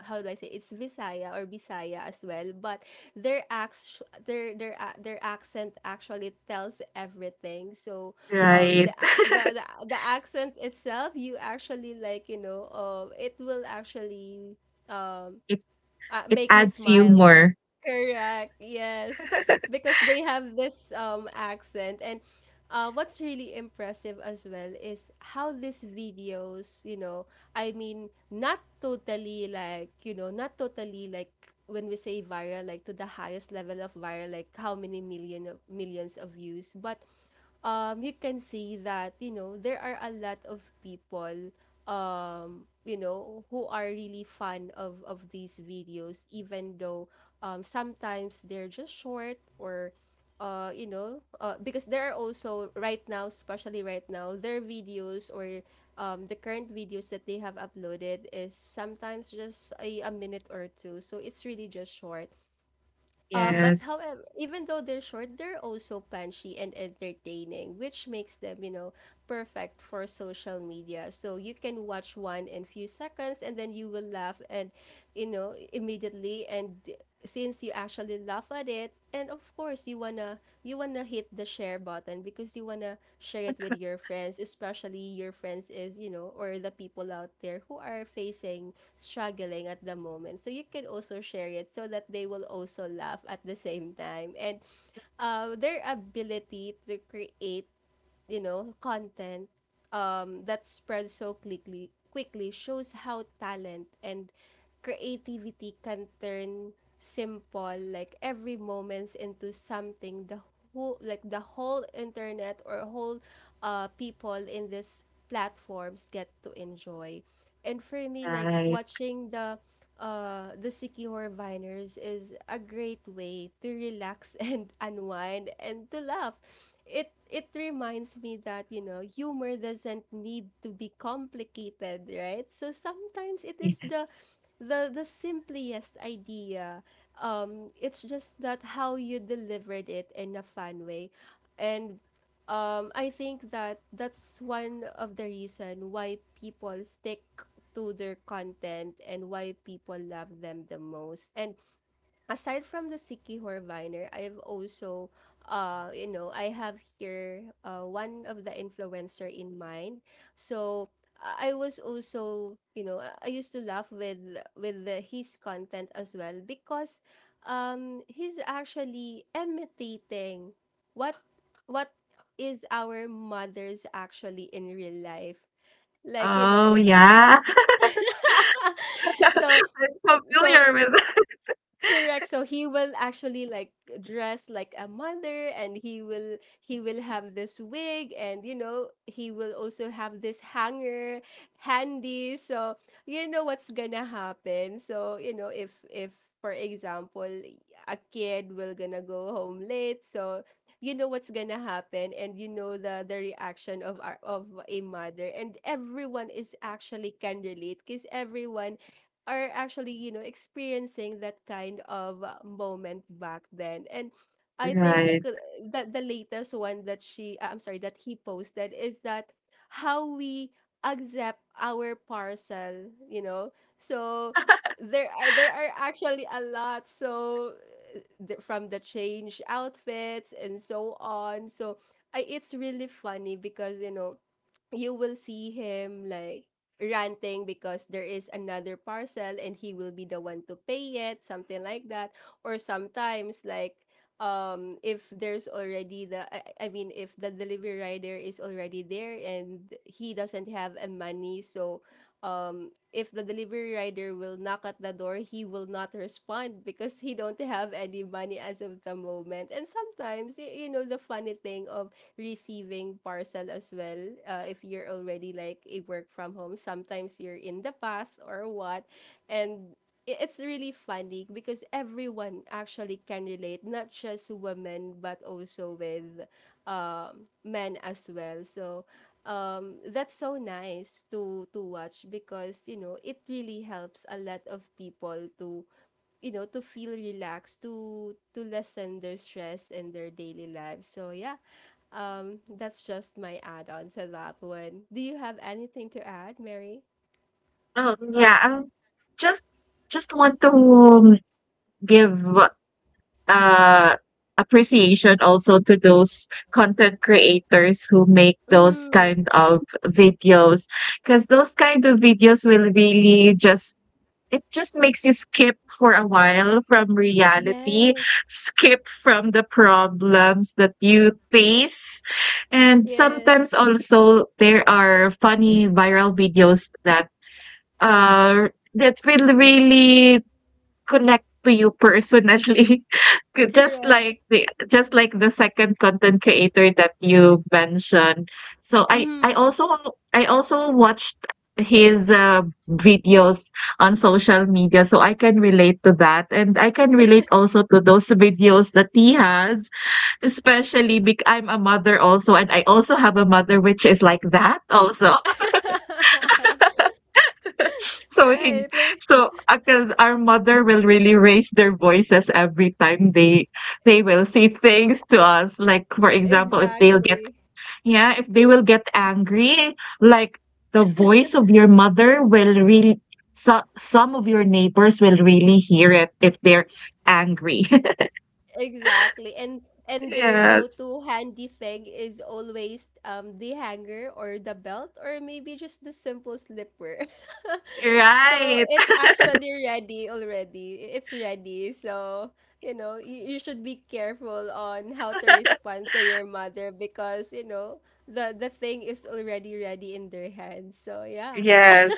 S1: how do I say, it's Visaya or Bisaya as well, but their acts their their a- their accent actually tells everything. So um the
S2: Right.
S1: a- the the, the accent itself, you actually, like, you know, um it will actually um
S2: It
S1: uh,
S2: it
S1: make me
S2: adds
S1: smile.
S2: humor.
S1: Correct. Yes. Because they have this um accent. And uh, what's really impressive as well is how these videos, you know, I mean, not totally like, you know, not totally like when we say viral, like to the highest level of viral, like how many million of, millions of views, but um, you can see that, you know, there are a lot of people, um, you know, who are really fan of, of these videos, even though um, sometimes they're just short, or, uh, you know, uh, because there are also right now, especially right now, their videos, or, um, the current videos that they have uploaded is sometimes just a, a minute or two. So it's really just short. Um, but
S2: Yes.
S1: however, even though they're short, they're also punchy and entertaining, which makes them, you know, perfect for social media. So you can watch one in few seconds and then you will laugh, and, you know, immediately. And since you actually laugh at it, it and of course you wanna you wanna hit the share button because you wanna share it with your friends, especially your friends, is you know or the people out there who are facing struggling at the moment, so you can also share it so that they will also laugh at the same time. And uh, their ability to create, you know, content um, that spreads so quickly quickly shows how talent and creativity can turn simple, like every moments, into something the whole, like the whole internet or whole, uh people in these platforms get to enjoy. And for me, like
S2: Right.
S1: watching the uh, the Sikihor Viners is a great way to relax and unwind and to laugh. It it reminds me that, you know, humor doesn't need to be complicated, right? So sometimes it is the
S2: Yes.
S1: the the simplest idea. Um, it's just that how you delivered it in a fun way, and um, I think that that's one of the reason why people stick to their content and why people love them the most. And aside from the Sikihor Viner, I've also, uh, you know, I have here, uh, one of the influencer in mind. So I I was also, you know, I I used to laugh with with the, his content as well because um, he's actually imitating what what is our mothers actually in real life. Like, you know,
S2: Oh,
S1: if
S2: yeah.
S1: so
S2: I'm
S1: so
S2: familiar with that.
S1: correct. So he will actually, like, dress like a mother, and he will, he will have this wig, and you know he will also have this hanger handy. So you know what's gonna happen. So you know if, if for example, a kid will gonna go home late, so you know what's gonna happen and you know the the reaction of our of a mother, and everyone is actually can relate because everyone are actually, you know, experiencing that kind of uh, moment back then. And I think,
S2: Right.
S1: uh, that the latest one that she, uh, I'm sorry, that he posted is that how we accept our parcel, you know. So there are, there are actually a lot. So uh, the, from the change outfits and so on. So I, it's really funny because you know you will see him like ranting because there is another parcel and he will be the one to pay it, something like that, or sometimes like um if there's already the, I, I mean if the delivery rider is already there and he doesn't have a money, so um if the delivery rider will knock at the door he will not respond because he don't have any money as of the moment. And sometimes, y- you know the funny thing of receiving parcel as well, uh, if you're already like a work from home, sometimes you're in the path or what. And i- it's really funny because everyone actually can relate, not just women but also with um, men as well. So um, that's so nice to to watch because you know it really helps a lot of people to, you know, to feel relaxed, to to lessen their stress in their daily lives. So yeah, um, that's just my add-on to that one. Do you have anything to add, Mary?
S2: Oh, yeah. Um just just want to, um, give, uh, appreciation also to those content creators who make those
S1: Mm,
S2: kind of videos, because those kind of videos will really just it just makes you skip for a while from reality,
S1: yes.
S2: skip from the problems that you face. And
S1: Yes,
S2: sometimes also there are funny viral videos that, uh that will really connect to you personally. K- just
S1: correct.
S2: like the just like the second content creator that you mentioned. So i i
S1: Mm.
S2: also i also watched his, uh, videos on social media. So I can relate to that, and I can relate also to those videos that he has, especially because I'm a mother also, and I also have a mother which is like that also. So, hin
S1: Right. like-
S2: so, because our mother will really raise their voices every time they they will say things to us. Like, for example, if they'll get
S1: Exactly.
S2: yeah, if they will get angry, like, the voice of your mother will really so some of your neighbors will really hear it if they're angry.
S1: Exactly. And and their
S2: Yes.
S1: go-to handy thing is always um the hanger or the belt or maybe just the simple slipper. So
S2: Right.
S1: it's actually ready already. I- It's ready. So, you know, you, you should be careful on how to respond to your mother because, you know, the the thing is already ready in their hands. So, yeah.
S2: Yes.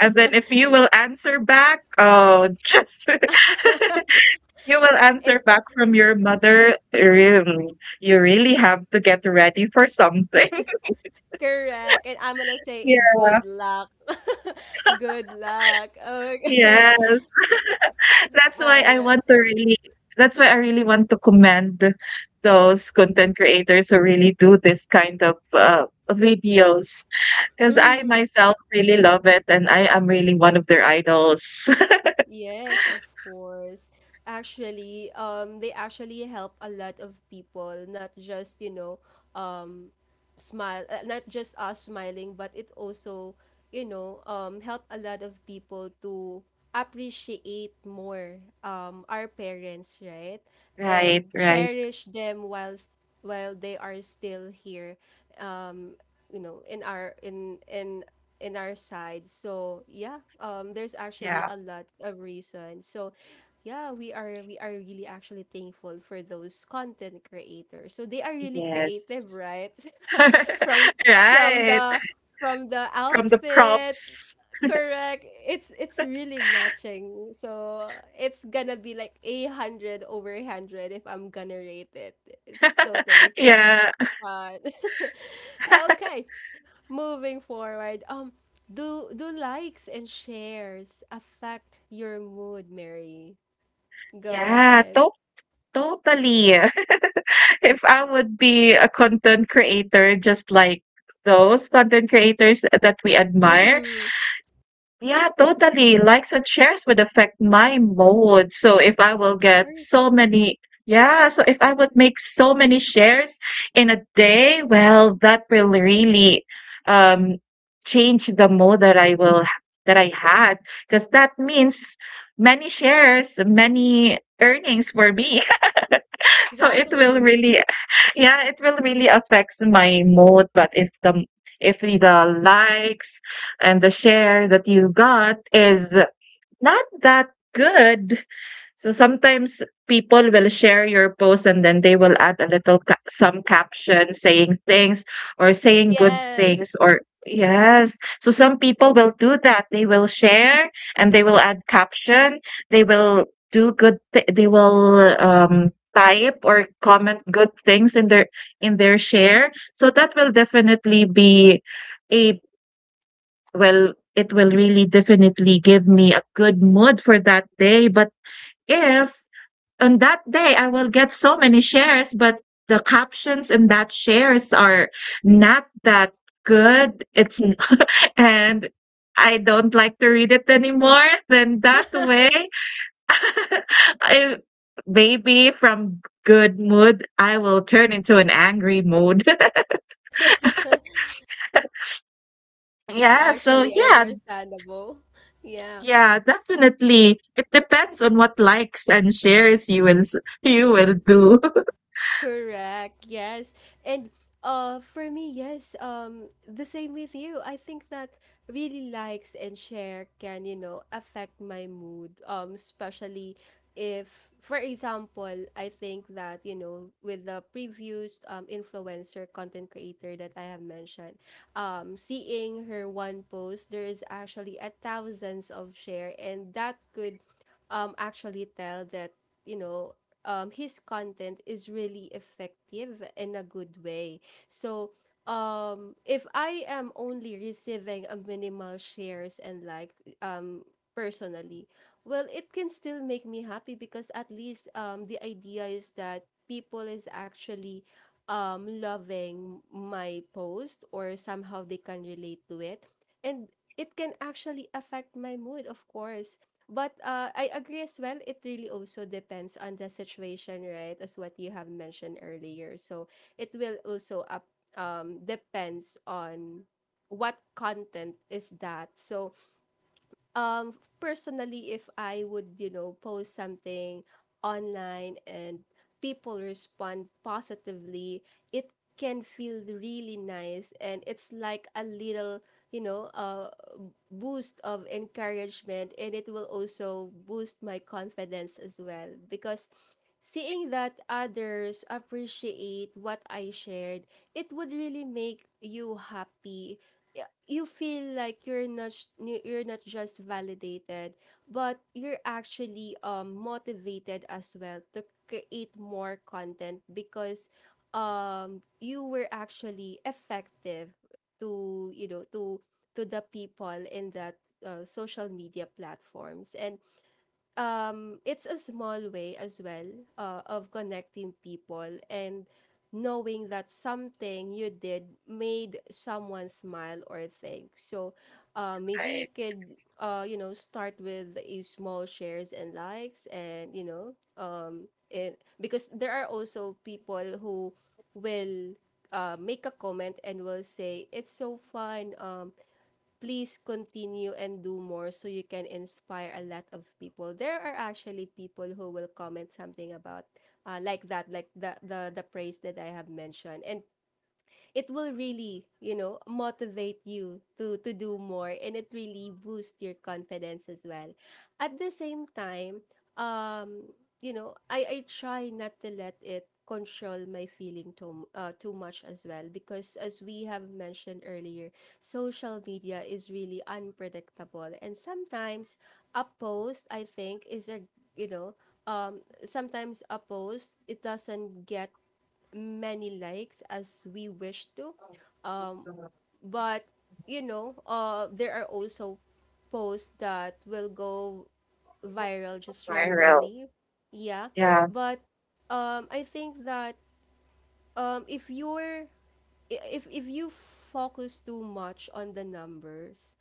S2: And then if you will answer back, oh, just you will answer
S1: It's
S2: back from your mother, really. You really have to get ready for something.
S1: correct. And I'm going to say
S2: Yeah.
S1: good luck. Good luck.
S2: Yeah,
S1: Okay.
S2: that's why
S1: All
S2: I want
S1: right.
S2: to really that's why I really want to commend those content creators who really do this kind of, uh, videos, because I
S1: Mm-hmm.
S2: myself really love it, and I am really one of their idols.
S1: Yes, of course. Actually, um, they actually help a lot of people, not just, you know, smile uh, not just us smiling, but it also, you know, um help a lot of people to appreciate more, um our parents, right?
S2: Right,
S1: And
S2: right.
S1: cherish them whilst while they are still here, you know, in our in in in our side. So yeah, um there's actually
S2: Yeah.
S1: a lot of reasons. So yeah, we are we are really actually thankful for those content creators. So they are really creative,
S2: Yes.
S1: right? From from
S2: Right.
S1: the from the
S2: From the
S1: outfit,
S2: props.
S1: correct. it's it's really matching, so it's gonna be like a hundred over one hundred if I'm gonna rate it. It's totally
S2: Yeah.
S1: fun. Okay, moving forward, um do do likes and shares affect your mood, Mary? Go
S2: Yeah,
S1: ahead.
S2: totally. If I would be a content creator, just like those content creators that we admire,
S1: Mm-hmm.
S2: yeah, totally. Likes and shares would affect my mood. So if I will
S1: Of
S2: get
S1: course.
S2: so many, yeah, so if I would make so many shares in a day, well, that will really, um change the mood that I will that I had, because that means many shares, many earnings for me. So it will
S1: Exactly.
S2: really yeah, it will really affects my mood. But if the if the likes and the share that you got is not that good. So sometimes people will share your post, and then they will add a little ca- some caption, saying things, or saying good
S1: Yes.
S2: things. Or yes. So some people will do that. They will share, and they will add caption. They will do good th- they will um type or comment good things in their in their share. So that will definitely be a well, it will really definitely give me a good mood for that day. But if on that day I will get so many shares, but the captions in that shares are not that good. It's n- and I don't like to read it anymore. Then that way, I, maybe from good mood, I will turn into an angry mood.
S1: That's
S2: Yeah. So
S1: actually
S2: yeah,
S1: understandable. Yeah.
S2: yeah, definitely. It depends on what likes and shares you will s- you will do.
S1: Correct. Yes. And uh for me, yes, um the same with you. I think that really likes and share can, you know, affect my mood. Um especially if for example, I think that, you know, with the previous um influencer content creator that I have mentioned, um seeing her one post, there is actually a thousands of share and that could um actually tell that you know um, his content is really effective in a good way. So, um, if I am only receiving a minimal shares and like um, personally, well, it can still make me happy because at least um, the idea is that people is actually um, loving my post or somehow they can relate to it. And it can actually affect my mood, of course. But uh, I agree as well. It really also depends on the situation, right? As what you have mentioned earlier. So it will also up um depends on what content is that. So um personally if I would you know post something online and people respond positively it can feel really nice and it's like a little you know uh, boost of encouragement and it will also boost my confidence as well because seeing that others appreciate what I shared it would really make you happy y- you feel like you're not sh- n- you're not just validated but you're actually um motivated as well to create more content because um you were actually effective to you know to to the people in that uh, social media platforms and um, it's a small way as well uh, of connecting people and knowing that something you did made someone smile or think. So uh, maybe you could, uh, you know, start with a small shares and likes and, you know, um, it, because there are also people who will uh, make a comment and will say, it's so fun. Um, please continue and do more so you can inspire a lot of people. There are actually people who will comment something about uh, like that, like the, the the praise that I have mentioned, and it will really, you know, motivate you to to do more and it really boosts your confidence as well. At the same time, um, you know, I I try not to let it control my feeling too uh, too much as well because as we have mentioned earlier, social media is really unpredictable and sometimes a post I think is a you know um sometimes a post it doesn't get many likes as we wish to. Um, but you know, uh, there are also posts that will go viral just
S2: Viral.
S1: randomly. Yeah,
S2: Yeah,
S1: but um, I think that um if you're if if you focus too much on the numbers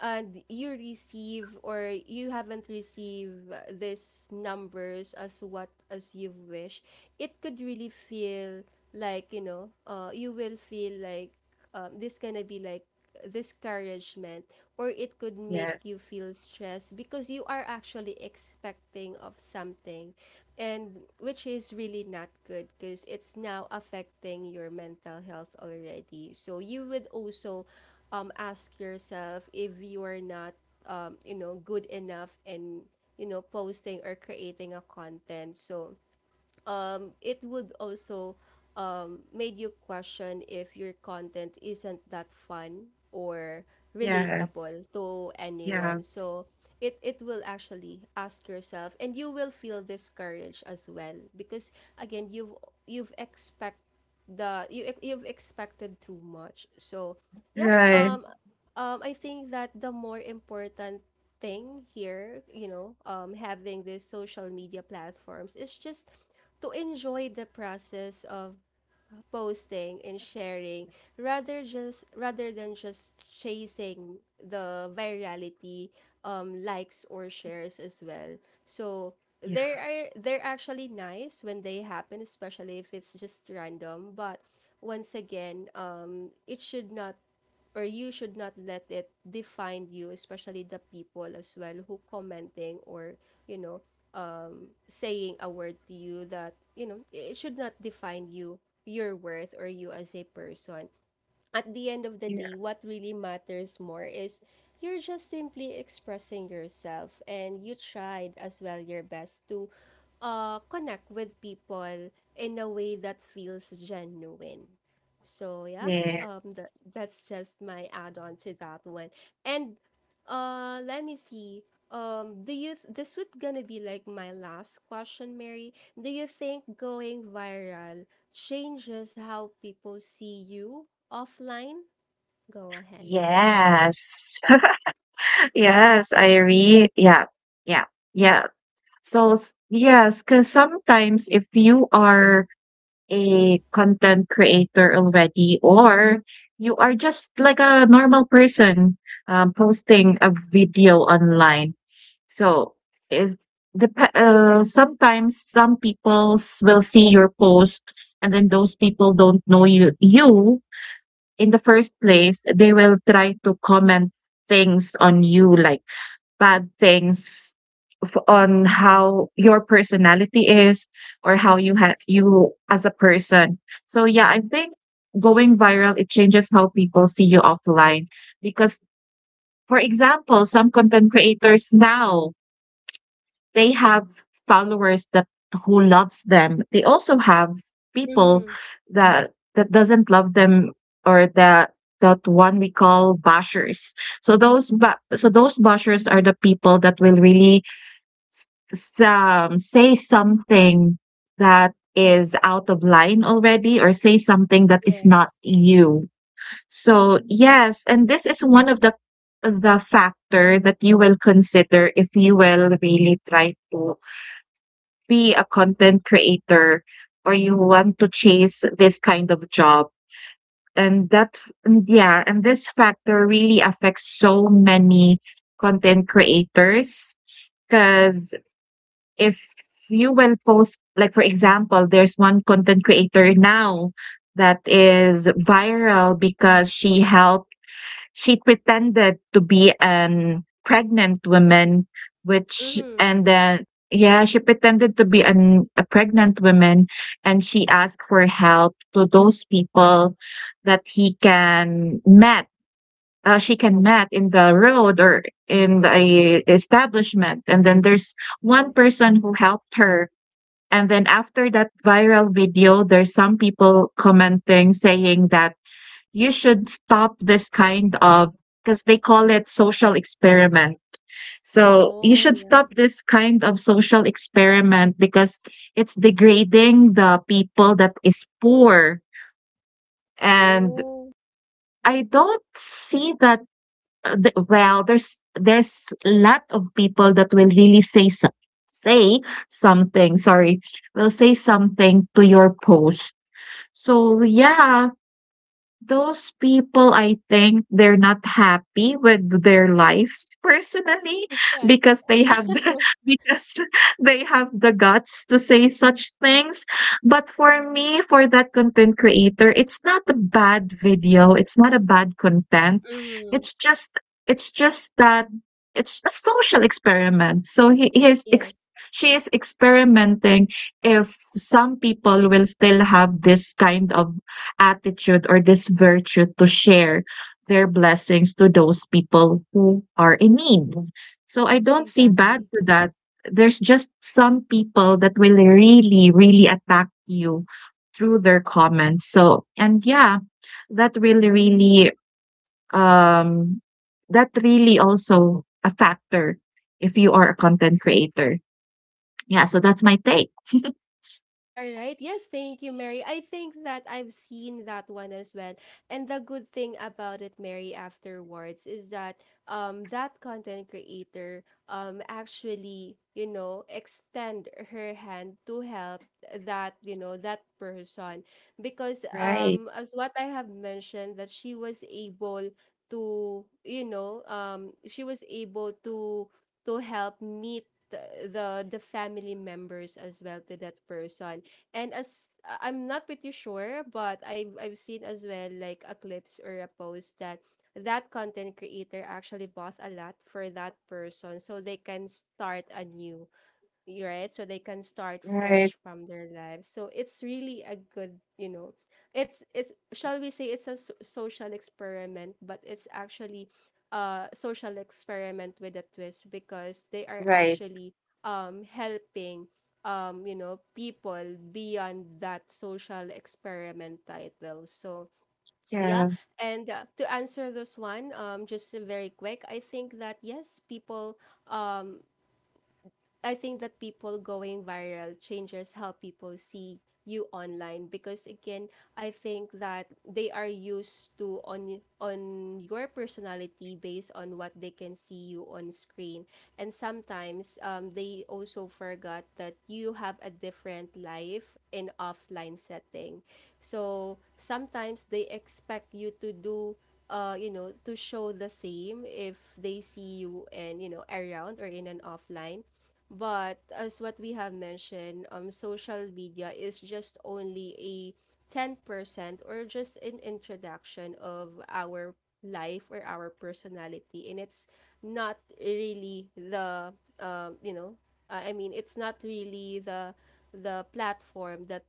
S1: and you receive or you haven't received uh, these numbers as what as you wish it could really feel like you know uh you will feel like um, this gonna be like discouragement or it could make you
S2: yes.
S1: feel stressed because you are actually expecting of something and which is really not good because it's now affecting your mental health already so you would also um ask yourself if you are not um you know good enough in you know posting or creating a content so um, it would also um, made you question if your content isn't that fun or
S2: Yes.
S1: relatable to
S2: Yeah,
S1: anyone. So it, it will actually ask yourself and you will feel discouraged as well because again you've you've expect the you you've expected too much. So yeah,
S2: right.
S1: um um, I think that the more important thing here, you know, um, having these social media platforms is just to enjoy the process of posting and sharing rather just rather than just chasing the virality um likes or shares as well so
S2: Yeah,
S1: there are they're actually nice when they happen especially if it's just random but once again um it should not or you should not let it define you especially the people as well who commenting or you know saying a word to you that you know it should not define you your worth or you as a person at the end of the
S2: yeah.
S1: day, what really matters more is you're just simply expressing yourself and you tried as well your best to uh, connect with people in a way that feels genuine. So yeah, um, that
S2: Yes.
S1: that's just my add-on to that one. And uh, let me see. Um, do you th- this would gonna be like my last question, Mary? Do you think going viral changes how people see you offline? Go ahead.
S2: Yes. Yes, I read. Yeah. Yeah. Yeah. So, s- yes, because sometimes if you are a content creator already, or you are just like a normal person, um, posting a video online, So is the uh, sometimes some people s- will see your post, and then those people don't know you you in the first place. They will try to comment things on you, like bad things, f- on how your personality is, or how you have you as a person. So yeah, I think going viral, it changes how people see you offline, because for example, some content creators now, they have followers that who loves them. They also have people
S1: Mm-hmm.
S2: that that doesn't love them, or that that one we call bashers. so those ba- so those bashers are the people that will really, um, say something that is out of line already, or say something that is
S1: Yes.
S2: not you. So yes, and this is one of the the factor that you will consider if you will really try to be a content creator, or you want to chase this kind of job. and that and yeah, and this factor really affects so many content creators, because if you will post, like for example, there's one content creator now that is viral because she helped she pretended to be an pregnant woman, which
S1: Mm-hmm.
S2: and then yeah, she pretended to be an a pregnant woman, and she asked for help to those people that he can met. Uh, she can met in the road or in a establishment, and then there's one
S1: Yes.
S2: person who helped her. And then after that viral video, there's some people commenting saying that you should stop this kind of, because they call it social experiment. So you
S1: Oh,
S2: should
S1: yeah.
S2: stop this kind of social experiment, because it's degrading the people that is poor. And
S1: Oh.
S2: I don't see that, uh, the, well, there's there's a lot of people that will really say so, say something sorry will say something to your post. So yeah, those people, I think they're not happy with their lives personally,
S1: Yes.
S2: because they have the because they have the guts to say such things. But for me, for that content creator, it's not a bad video, it's not a bad content.
S1: Mm-hmm.
S2: It's just it's just that it's a social experiment. So he, he is ex-
S1: Yes,
S2: she is experimenting if some people will still have this kind of attitude, or this virtue, to share their blessings to those people who are in need. So I don't see bad
S1: exactly.
S2: to that. There's just some people that will really, really attack you through their comments. So, and yeah, that will really, um, that really also a factor if you are a content creator. Yeah, so that's my take.
S1: All right. Yes, thank you, Mary. I think that I've seen that one as well. And the good thing about it, Mary, afterwards is that um that content creator um actually, you know, extend her hand to help that, you know, that person because
S2: Right,
S1: um as what I have mentioned that she was able to, you know, um she was able to to help meet the the, the family members as well to that person and as I'm not pretty sure but I have I've seen as well like a clips or a post that that content creator actually bought a lot for that person so they can start anew right? So they can start
S2: right,
S1: fresh from their lives. So it's really a good, you know, it's it's shall we say it's a s- social experiment, but it's actually a social experiment with a twist because they are
S2: right.
S1: actually um helping um you know people beyond that social experiment title. So yeah,
S2: Yeah.
S1: and uh, to answer this one, um, just very quick, I think that yes, people um I think that people going viral changes how people see you online because again I think that they are used to on on your personality based on what they can see you on screen and sometimes um, they also forgot that you have a different life in offline setting so sometimes they expect you to do uh, you know, to show the same if they see you and you know around or in an offline. But as what we have mentioned, um, social media is just only a ten percent or just an introduction of our life or our personality. And it's not really the, um, you know, I I mean, it's not really the the platform that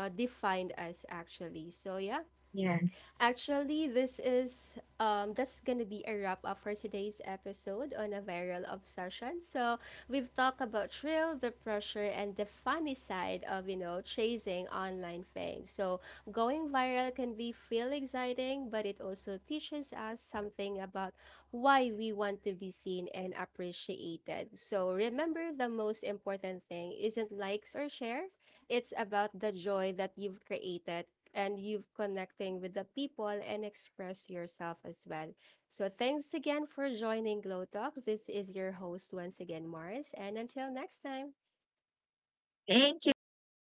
S1: uh, defined us actually. So yeah,
S2: Yes.
S1: actually, this is um that's gonna be a wrap up for today's episode on a viral obsession. So we've talked about thrill, the pressure, and the funny side of you know chasing online fame. So going viral can be feel exciting, but it also teaches us something about why we want to be seen and appreciated. So remember, the most important thing isn't likes or shares, it's about the joy that you've created and you've connecting with the people and express yourself as well. So thanks again for joining Glow Talk. This is your host once again, Mars. And until next time.
S2: Thank you so much.